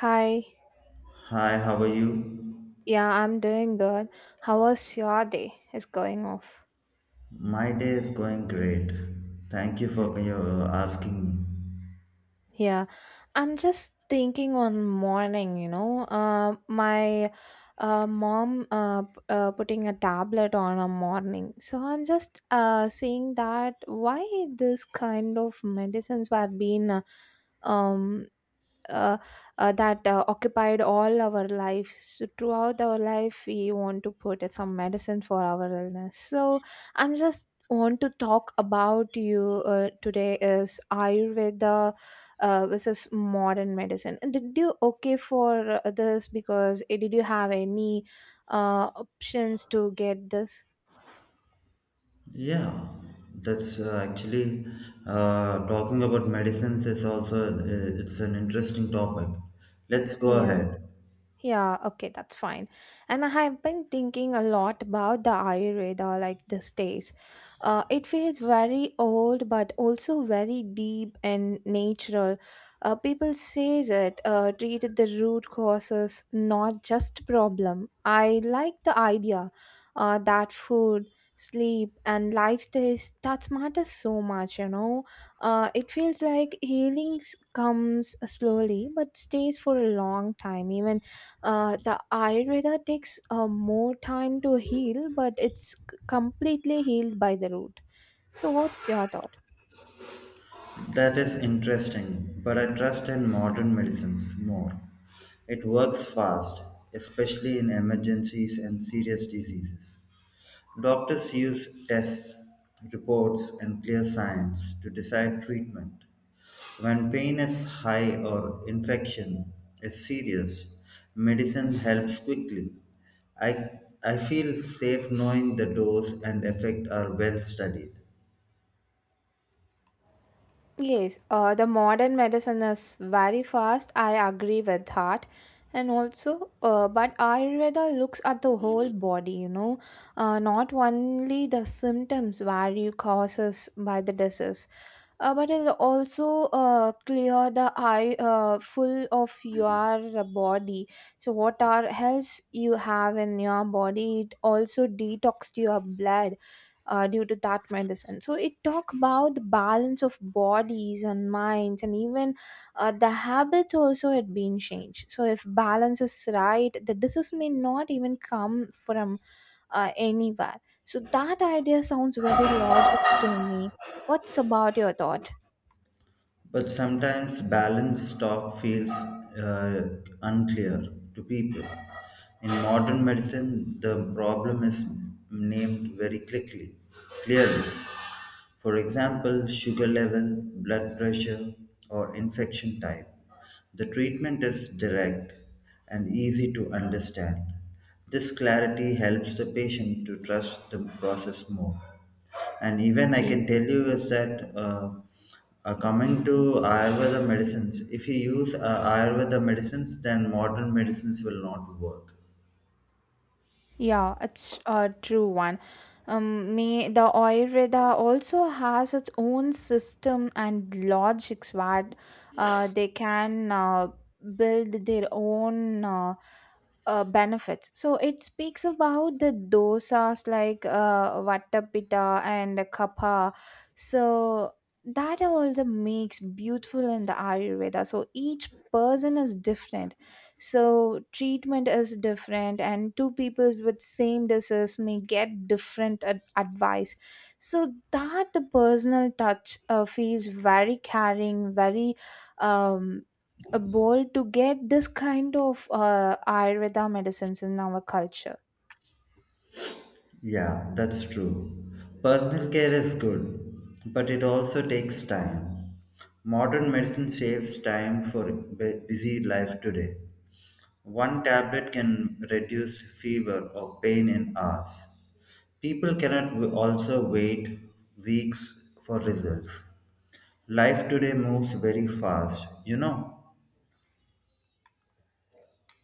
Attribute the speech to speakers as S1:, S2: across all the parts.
S1: Hi.
S2: Hi, how are you?
S1: Yeah, I'm doing good. How was your day? It's going off.
S2: My day is going great. Thank you for your asking me.
S1: Yeah, I'm just thinking one morning, my mom putting a tablet on a morning. So I'm just seeing that why this kind of medicines were being um uh, that occupied all our lives. So, throughout our life we want to put some medicine for our illness so I'm just want to talk about you today is ayurveda versus modern medicine. And did you okay for this because did you have any options to get this.
S2: Yeah, that's actually talking about medicines is also it's an interesting topic. Let's go
S1: Yeah.
S2: ahead.
S1: Yeah, okay, that's fine. And I have been thinking a lot about the Ayurveda like these days. It feels very old, but also very deep and natural. People says it treated the root causes, not just problem. I like the idea that food, sleep, and lifestyle that matters so much. You know, it feels like healing comes slowly, but stays for a long time, even the Ayurveda takes more time to heal, but it's completely healed by the root. So, what's your thought?
S2: That is interesting, but I trust in modern medicines more. It works fast, especially in emergencies and serious diseases. Doctors use tests, reports, and clear signs to decide treatment. When pain is high or infection is serious, medicine helps quickly. I, I feel safe knowing the dose and effect are well studied.
S1: Yes, the modern medicine is very fast. I agree with that. And also, but Ayurveda looks at the whole body, you know, not only the symptoms where you causes by the disease, but it'll also clear the eye full of your body. So, what are health you have in your body? It also detox your blood due to that medicine. So it talk about the balance of bodies and minds and even the habits also had been changed. So if balance is right, the disease may not even come from anywhere. So that idea sounds very logic to me. What's about your thought?
S2: But sometimes balanced talk feels unclear to people. In modern medicine, the problem is named very quickly, clearly. For example, sugar level, blood pressure, or infection type. The treatment is direct and easy to understand. This clarity helps the patient to trust the process more. And even I can tell you is that coming to Ayurveda medicines, if you use Ayurveda medicines, then modern medicines will not work.
S1: Yeah, it's a true one. May the Ayurveda also has its own system and logics where they can build their own. Benefits. So it speaks about the dosas like vattapita and kapha. So that all the makes beautiful in the Ayurveda. So each person is different. So treatment is different, and two peoples with same disease may get different advice. So that the personal touch feels very caring, very. Um, a bowl to get this kind of ayurveda medicines in our culture.
S2: Yeah, that's true. Personal care is good, but it also takes time. Modern medicine saves time for busy life today. One tablet can reduce fever or pain in hours. People cannot also wait weeks for results. Life today moves very fast, you know.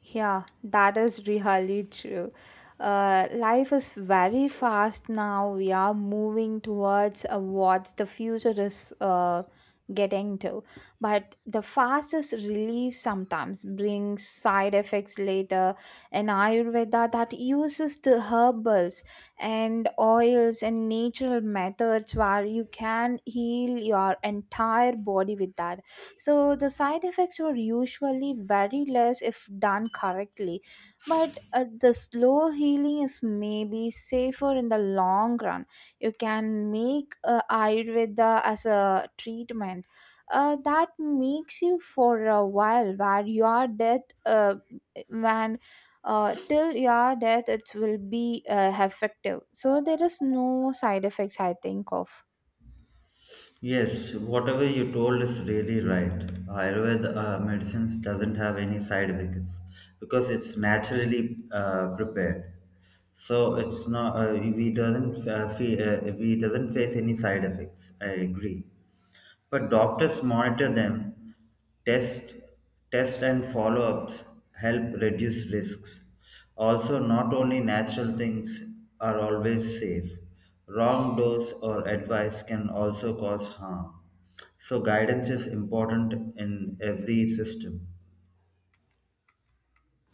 S1: Yeah, that is really true. Life is very fast now. We are moving towards what the future is getting to. But the fastest relief sometimes brings side effects later. In Ayurveda, that uses the herbals and oils and natural methods where you can heal your entire body with that so the side effects were usually very less if done correctly, but the slow healing is maybe safer in the long run. You can make Ayurveda as a treatment that makes you for a while where your death when till your death it will be effective so there is no side effects I think of.
S2: Yes, whatever you told is really right. Ayurveda medicines doesn't have any side effects because it's naturally prepared. So it's not we doesn't face any side effects. I agree. But doctors monitor them, tests, tests and follow-ups help reduce risks. Also, not only natural things are always safe. Wrong dose or advice can also cause harm. So guidance is important in every system.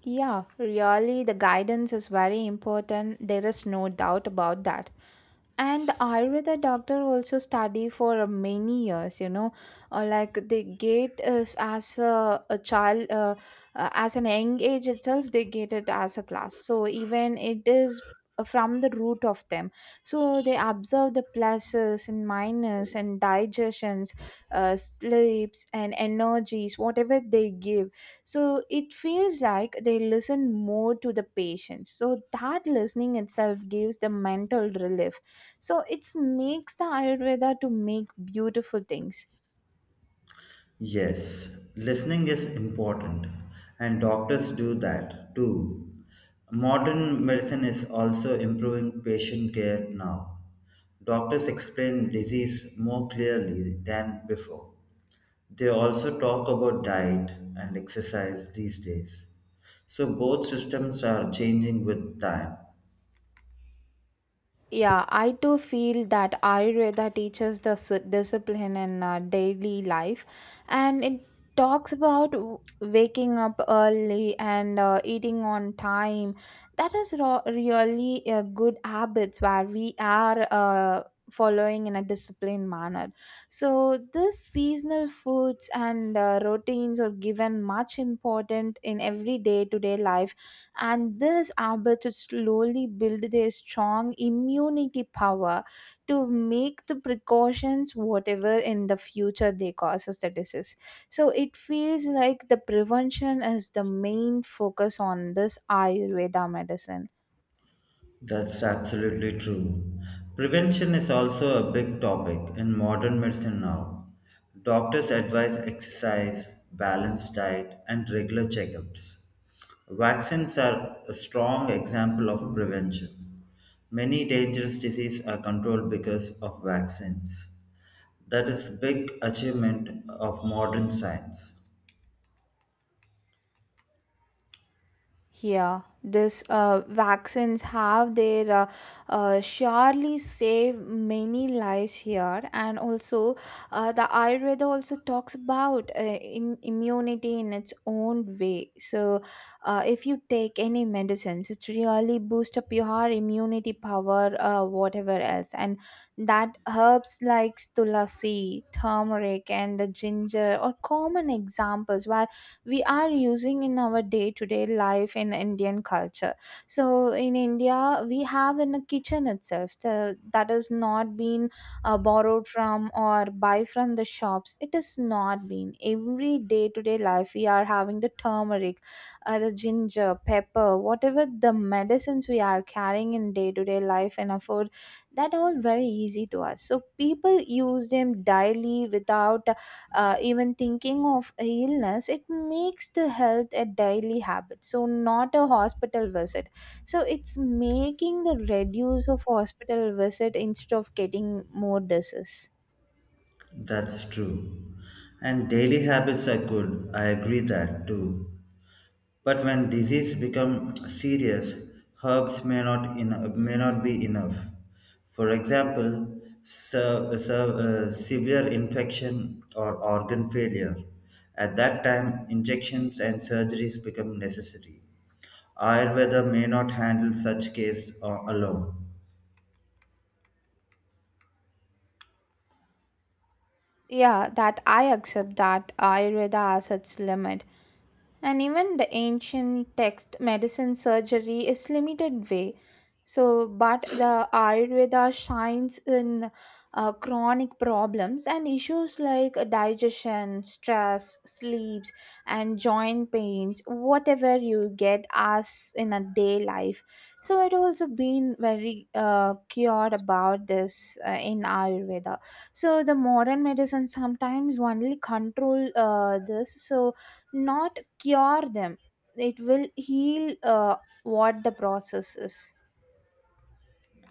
S1: Yeah, really, the guidance is very important. There is no doubt about that. And Ayurveda doctor also study for many years, you know, like they get us as a child, as an young age itself, they get it as a class. So even it is from the root of them. So they observe the pluses and minus and digestions, sleeps and energies, whatever they give so it feels like they listen more to the patient so that listening itself gives the mental relief so it makes the ayurveda to make beautiful things.
S2: Yes, listening is important, and doctors do that too. Modern medicine is also improving patient care now. Doctors explain disease more clearly than before. They also talk about diet and exercise these days. So both systems are changing with time.
S1: Yeah, I too feel that Ayurveda teaches the discipline in daily life and it talks about waking up early and eating on time. That is really good habits where we are following in a disciplined manner. So, this seasonal foods and routines are given much important in every day to day life and this able to slowly build their strong immunity power to make the precautions whatever in the future they causes the disease so it feels like the prevention is the main focus on this ayurveda medicine.
S2: That's absolutely true. Prevention is also a big topic in modern medicine now. Doctors advise exercise, balanced diet, and regular checkups. Vaccines are a strong example of prevention. Many dangerous diseases are controlled because of vaccines. That is big achievement of modern science.
S1: Yeah, this vaccines have their surely save many lives here, and also the Ayurveda also talks about in immunity in its own way. So, if you take any medicines, it really boost up your immunity power, whatever else, and that herbs like tulasi, turmeric, and the ginger are common examples we are using in our day to day life in Indian culture. So in India, we have in the kitchen itself the, that is not been borrowed from or buy from the shops. It is not been every day to day life. We are having the turmeric, the ginger, pepper, whatever the medicines we are carrying in day to day life and afford that all very easy to us. So people use them daily without even thinking of a illness it makes the health a daily habit so not a hospital visit so it's making the reduce of hospital visit instead of getting more disease.
S2: That's true. And daily habits are good. I agree that too. But when disease become serious, herbs may not be enough. For example, severe infection or organ failure. At that time, injections and surgeries become necessary. Ayurveda may not handle such case alone.
S1: Yeah that I accept that ayurveda has its limit and even the ancient text medicine surgery is limited way so but the ayurveda shines in chronic problems and issues like digestion stress sleeps and joint pains whatever you get as in a day life so it also been very cured about this in ayurveda so the modern medicine sometimes only control this so not cure them it will heal what the process is.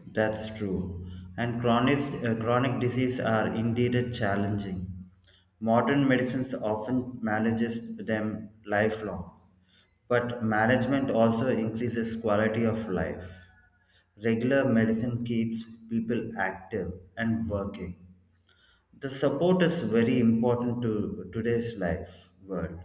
S2: That's true. And chronic disease are indeed challenging. Modern medicines often manages them lifelong, but management also increases quality of life. Regular medicine keeps people active and working. The support is very important to today's life world.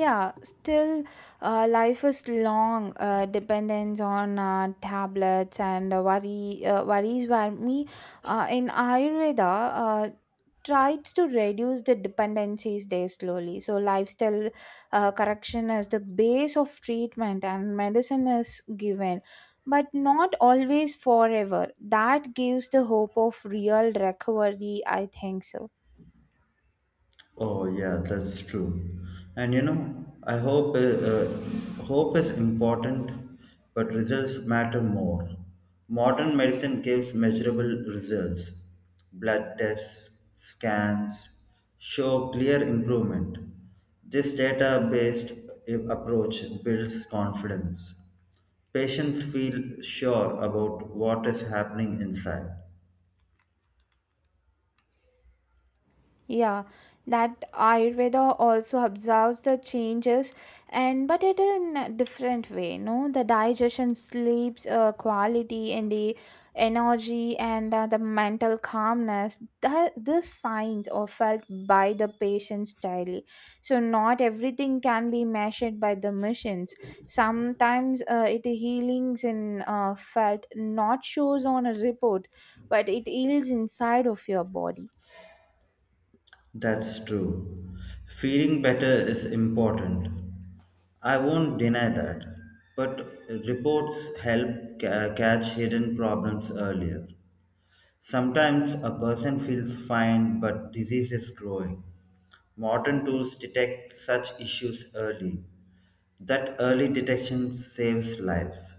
S1: Yeah still life is long dependence on tablets and worry worries were me in ayurveda uh, tried to reduce the dependencies there slowly. So, lifestyle correction is the base of treatment, and medicine is given, but not always forever. That gives the hope of real recovery, I think so.
S2: Oh yeah, that's true. And you know, I hope hope is important, but results matter more. Modern medicine gives measurable results. Blood tests, scans show clear improvement. This data-based approach builds confidence. Patients feel sure about what is happening inside.
S1: Yeah, that Ayurveda also observes the changes, and but it in a different way. No, the digestion, sleeps, quality, and the energy, and the mental calmness. The these signs are felt by the patients daily. So not everything can be measured by the machines. Sometimes it healings in felt not shows on a report, but it heals inside of your body.
S2: That's true. Feeling better is important. I won't deny that. But reports help catch hidden problems earlier. Sometimes a person feels fine, but disease is growing. Modern tools detect such issues early. That early detection saves lives.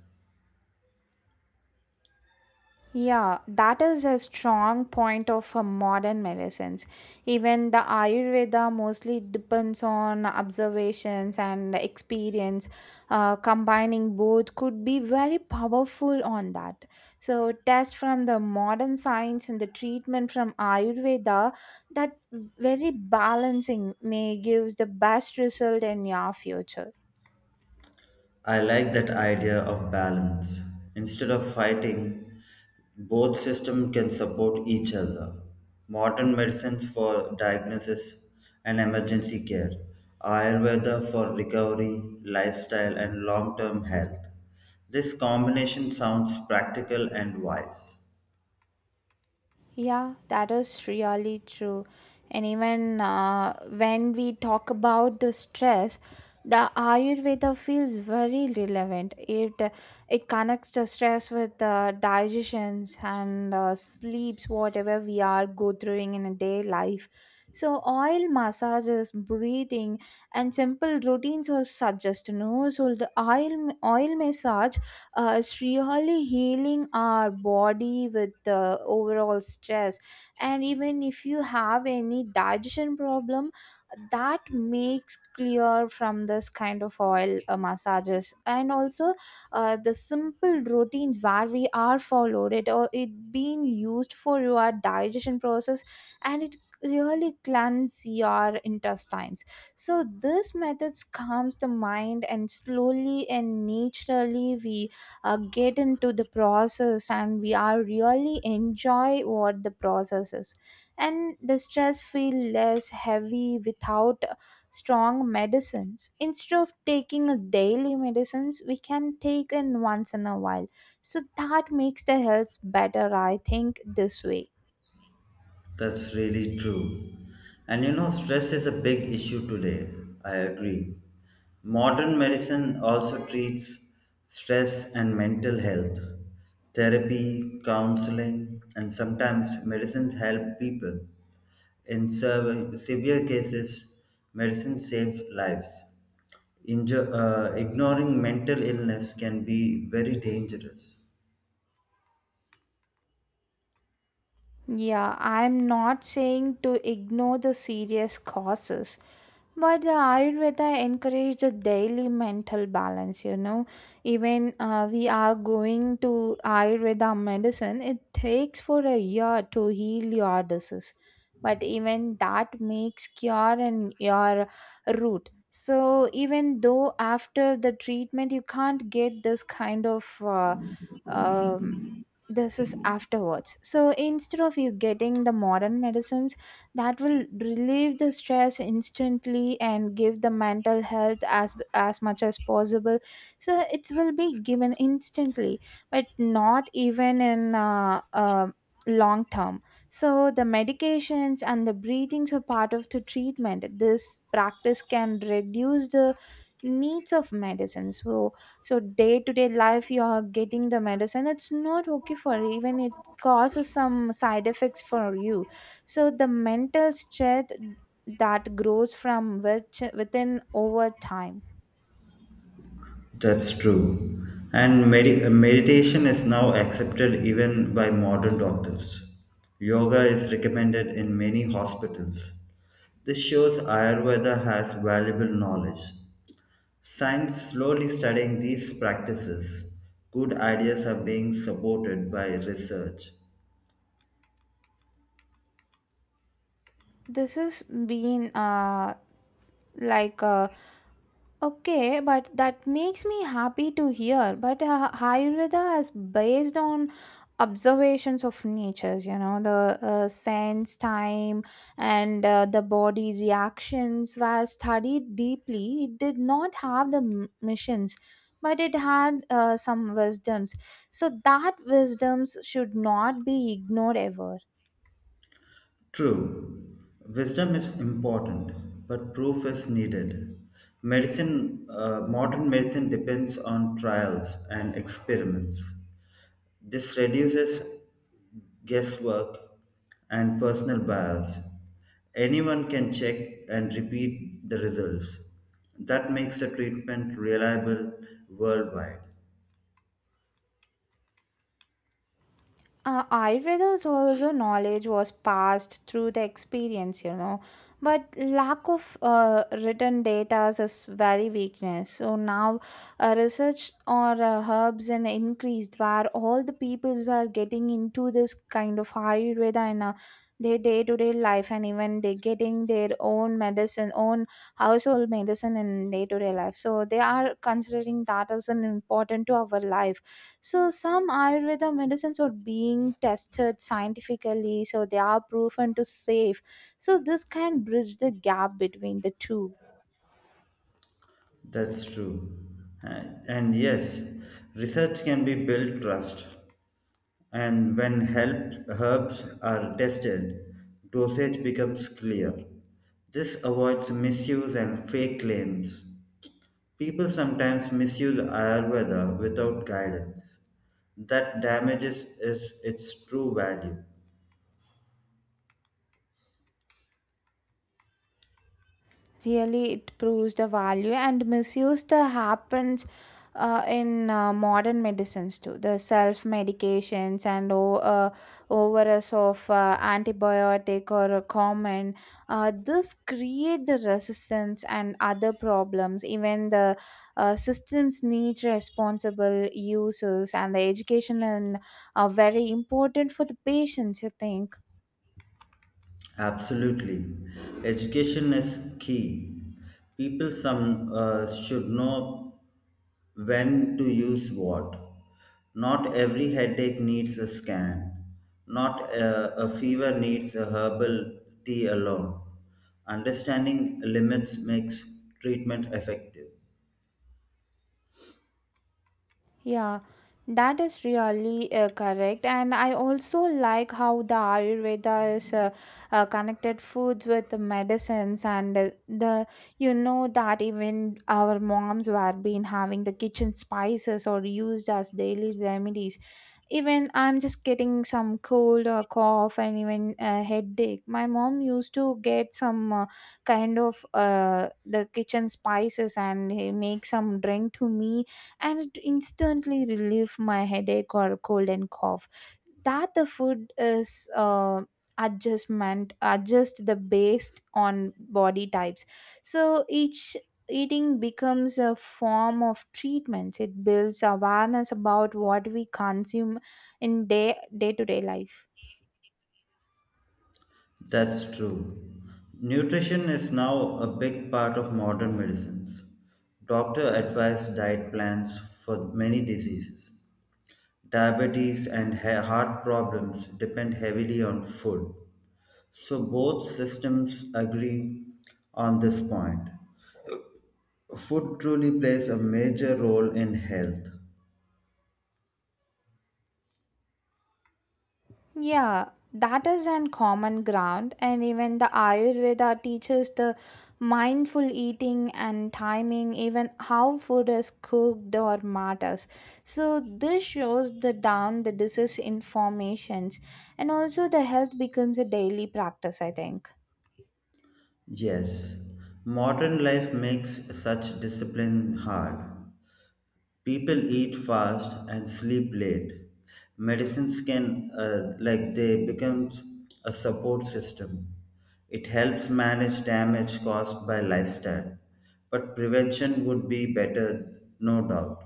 S1: Yeah, that is a strong point of modern medicines. Even the Ayurveda mostly depends on observations and experience. Combining both could be very powerful on that. So, test from the modern science and the treatment from Ayurveda, that very balancing may gives the best result in your future.
S2: I like that idea of balance. Instead of fighting, both systems can support each other. Modern medicines for diagnosis and emergency care, Ayurveda for recovery, lifestyle, and long term health. This combination sounds practical and wise.
S1: Yeah, that is really true. And even when we talk about the stress, the Ayurveda feels very relevant. It connects the stress with the digestions and sleeps, whatever we are go through in a day life. So oil massages, breathing, and simple routines are suggested. No, so the oil massage it's really healing our body with the overall stress and even if you have any digestion problem that makes clear from this kind of oil massages and also the simple routines where we are followed it or it being used for your digestion process and it really cleanse your intestines so this methods calms the mind and slowly and naturally we get into the process and we are really enjoy what the process is and the stress feel less heavy without strong medicines instead of taking a daily medicines we can take in once in a while so that makes the health better I think this way.
S2: That's really true. And you know, stress is a big issue today. I agree. Modern medicine also treats stress and mental health. Therapy, counseling, and sometimes medicines help people. In severe cases, medicines save lives. Ignoring mental illness can be very dangerous.
S1: Yeah, I'm not saying to ignore the serious causes, but the Ayurveda encourage the daily mental balance, you know. Even we are going to Ayurveda medicine, it takes for a year to heal your disease. But even that makes cure in your root. So even though after the treatment you can't get this kind of um, this is afterwards so instead of you getting the modern medicines that will relieve the stress instantly and give the mental health as much as possible so it will be given instantly but not even in long term so the medications and the breathings are part of the treatment this practice can reduce the needs of medicine so so day to day life you are getting the medicine it's not okay for you, even it causes some side effects for you so the mental stress that grows from which within over time.
S2: That's true. And meditation is now accepted even by modern doctors. Yoga is recommended in many hospitals. This shows Ayurveda has valuable knowledge. Science slowly studying these practices. Good ideas are being supported by research.
S1: This has been like a. Okay, but that makes me happy to hear. But Ayurveda is based on observations of natures, you know, the sense, time, and the body reactions were studied deeply. It did not have the missions, but it had some wisdoms. So that wisdoms should not be ignored ever.
S2: True, wisdom is important, but proof is needed. Modern medicine depends on trials and experiments. This reduces guesswork and personal bias. Anyone can check and repeat the results. That makes the treatment reliable worldwide.
S1: Ayurveda's also knowledge was passed through the experience, you know, but lack of written data is very weakness. So now, research or herbs and increased where all the peoples were getting into this kind of Ayurveda in their day to day life, and even they getting their own medicine, own household medicine in day to day life. So they are considering that as an important to our life, so some Ayurveda medicines are being tested scientifically, so they are proven to safe. So this can bridge the gap between the two.
S2: That's true. And yes, research can be built trust. And when help, herbs are tested, dosage becomes clear. This avoids misuse and fake claims. People sometimes misuse Ayurveda without guidance. That damages is its true value.
S1: Really it proves the value and misuse the happens in modern medicines too, the self medications and overuse of antibiotic or a common this create the resistance and other problems, even the systems need responsible users and the education and are very important for the patients you think.
S2: Absolutely. Education is key. People some should know when to use what. Not every headache needs a scan. Not a fever needs a herbal tea alone. Understanding limits makes treatment effective.
S1: Yeah, that is really correct. And I also like how the Ayurveda is connected foods with the medicines and the you know that even our moms were been having the kitchen spices or used as daily remedies. Even I'm just getting some cold or cough and even a headache. My mom used to get some kind of the kitchen spices and he make some drink to me, and it instantly relieve my headache or cold and cough, that the food is adjust the based on body types, so each eating becomes a form of treatments. It builds awareness about what we consume in day day to day life.
S2: That's true. Nutrition is now a big part of modern medicines. Doctor advise diet plans for many diseases. Diabetes and heart problems depend heavily on food. So both systems agree on this point. Food truly plays a major role in health.
S1: Yeah, that is an common ground, and even the Ayurveda teaches the mindful eating and timing, even how food is cooked or matters. So this shows the down the disease informations, and also the health becomes a daily practice. I think.
S2: Yes, modern life makes such discipline hard. People eat fast and sleep late. Medicines can uh, like they becomes a support system. It helps manage damage caused by lifestyle, but prevention would be better, no doubt.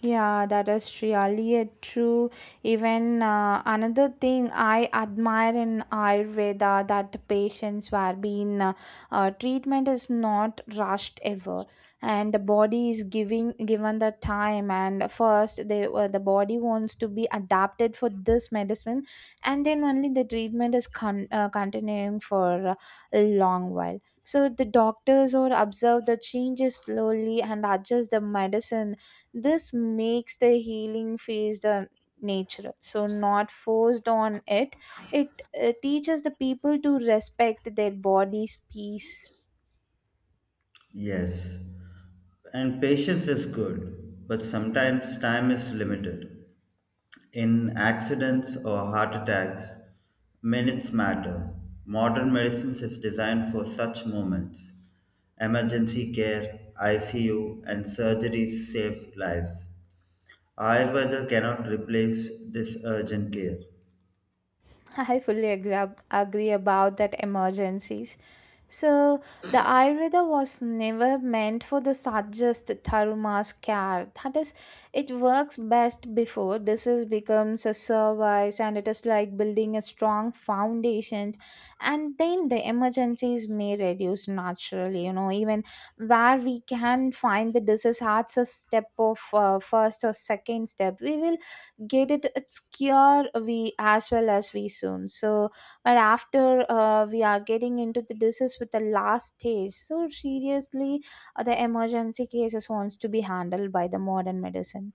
S1: Yeah, that is really a true. Even another thing I admire in Ayurveda, that patients were being treatment is not rushed ever, and the body is giving given the time. And first, the body wants to be adapted for this medicine, and then only the treatment is continuing for a long while. So the doctors or observe the changes slowly and adjust the medicine, this makes the healing phase the natural, so not forced on it. It teaches the people to respect their body's peace.
S2: Yes, and patience is good, but sometimes time is limited. In accidents or heart attacks, minutes matter. Modern medicines is designed for such moments. Emergency care, ICU, and surgeries save lives. Ayurveda cannot replace this urgent care.
S1: I fully agree, agree about that emergencies. So the Ayurveda was never meant for the suggest thorough mass care. That is, it works best before disease becomes a service, and it is like building a strong foundations, and then the emergencies may reduce naturally, you know, even where we can find the disease as a step of first or second step, we will get it its cure we as well as we soon so, but after we are getting into the disease with the last stage, so seriously the emergency cases wants to be handled by the modern medicine.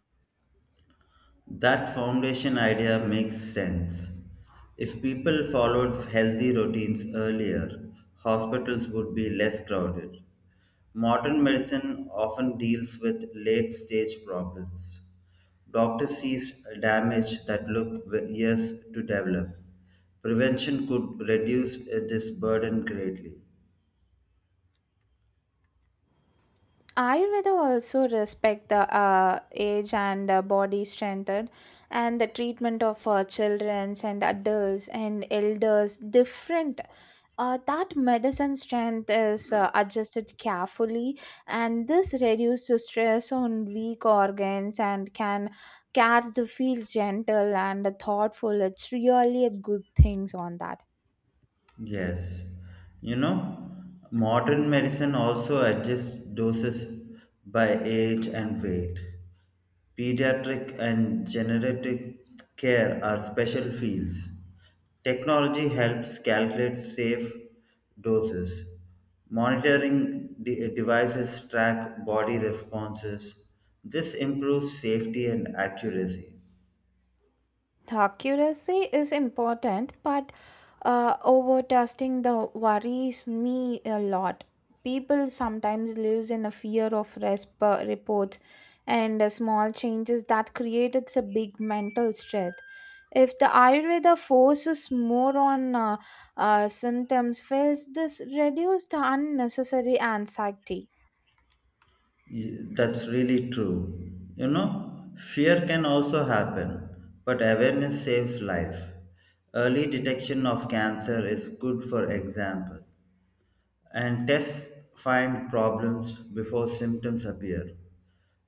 S2: That foundation idea makes sense. If people followed healthy routines earlier, hospitals would be less crowded. Modern medicine often deals with late stage problems. Doctors sees damage that look years to develop. Prevention could reduce this burden greatly.
S1: Ayurveda also respect the age and body strength, and the treatment of children and adults and elders different. That medicine strength is adjusted carefully, and this reduces stress on weak organs and can cast the feel gentle and thoughtful. It's really a good things on that.
S2: Yes. You know, modern medicine also adjusts doses by age and weight. Pediatric and geriatric care are special fields. Technology helps calculate safe doses. Monitoring devices track body responses. This improves safety and accuracy.
S1: The accuracy is important, but overtesting the worries me a lot. People sometimes lives in a fear of reports, and small changes that created a big mental stress. If the Ayurveda focuses more on symptoms, fails this reduce the unnecessary anxiety.
S2: That's really true. You know, fear can also happen, but awareness saves life. Early detection of cancer is good, for example, and tests find problems before symptoms appear.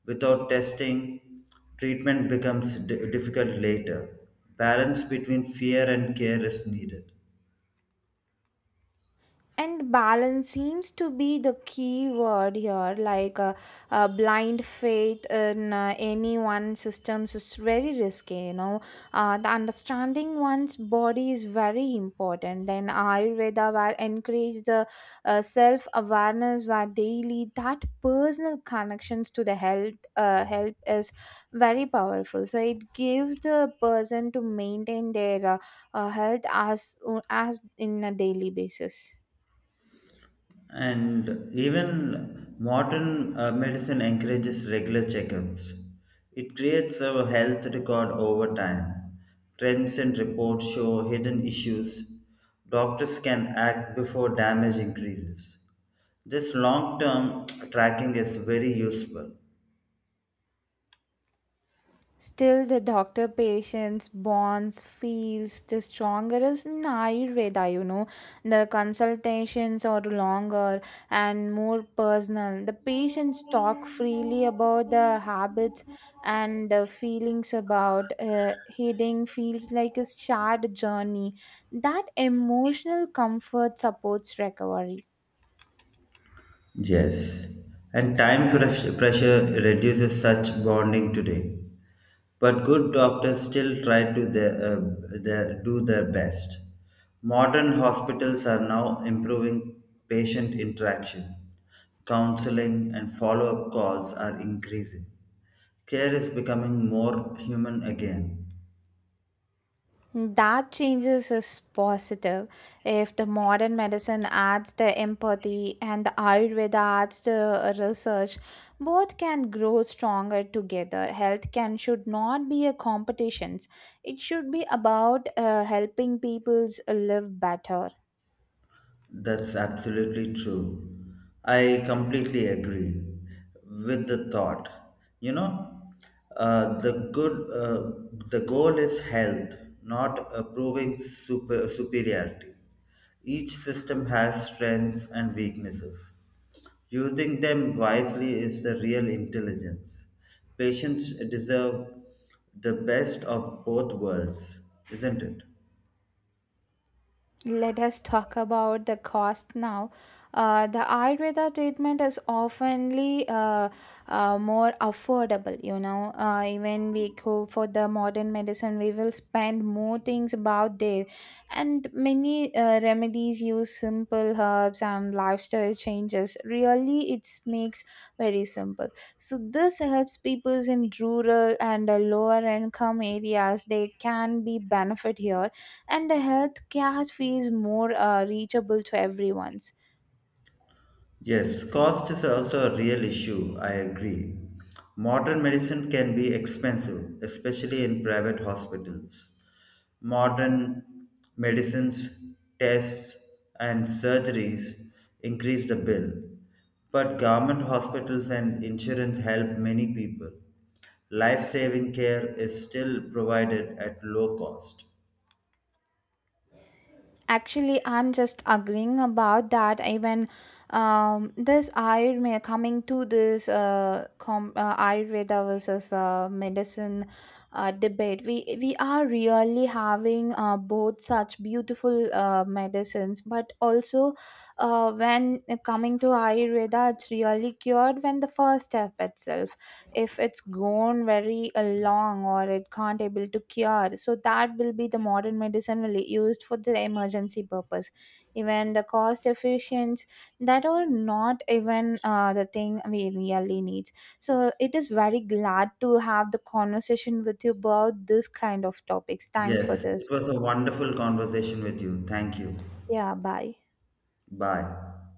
S2: Without testing, treatment becomes difficult later. Balance between fear and care is needed.
S1: And balance seems to be the key word here, like blind faith in any one systems is very risky, you know, the understanding one's body is very important, then ayurveda where encourage the self awareness, where daily that personal connections to the health help is very powerful, so it gives the person to maintain their health as in a daily basis.
S2: And even modern medicine encourages regular checkups. It creates a health record over time. Trends and reports show hidden issues. Doctors can act before damage increases. This long term tracking is very useful.
S1: Still, the doctor patients bonds feels the stronger is in Ayurveda, you know. The consultations are longer and more personal. The patients talk freely about the habits and feelings about healing, feels like a shared journey. That emotional comfort supports recovery.
S2: Yes, and time pressure reduces such bonding today. But good doctors still try to do their best. Modern hospitals are now improving patient interaction. Counseling and follow up calls are increasing. Care is becoming more human again.
S1: That changes is positive. If the modern medicine adds the empathy and the Ayurveda adds the research, both can grow stronger together. Health can should not be a competition. It should be about helping peoples live better.
S2: That's absolutely true. I completely agree with the thought. You know, the goal is health, not proving superiority. Each system has strengths and weaknesses. Using them wisely is the real intelligence. Patients deserve the best of both worlds, isn't it?
S1: Let us talk about the cost now. The Ayurveda treatment is oftenly more affordable. You know, even we go for the modern medicine, we will spend more things about there, and many remedies use simple herbs and lifestyle changes. Really, it makes very simple. So this helps people in rural and lower income areas. They can be benefit here, and the healthcare fees more reachable to everyone's.
S2: Yes, cost is also a real issue, I agree. Modern medicine can be expensive, especially in private hospitals. Modern medicines, tests, and surgeries increase the bill. But government hospitals and insurance help many people. Life saving care is still provided at low cost.
S1: Actually, I'm just agreeing about that. Even this Ayurveda coming to this Ayurveda versus medicine debate, we are really having both such beautiful medicines, but also when coming to Ayurveda, it's really cured when the first step itself, if it's gone very long, or it can't able to cure, so that will be the modern medicine will be used for the emergency purpose. Even the cost efficiency, that are not even the thing we really need. So it is very glad to have the conversation with you about this kind of topics. Thanks for
S2: Yes, it
S1: this.
S2: was a wonderful conversation with you. Thank you.
S1: Yeah, bye.
S2: Bye.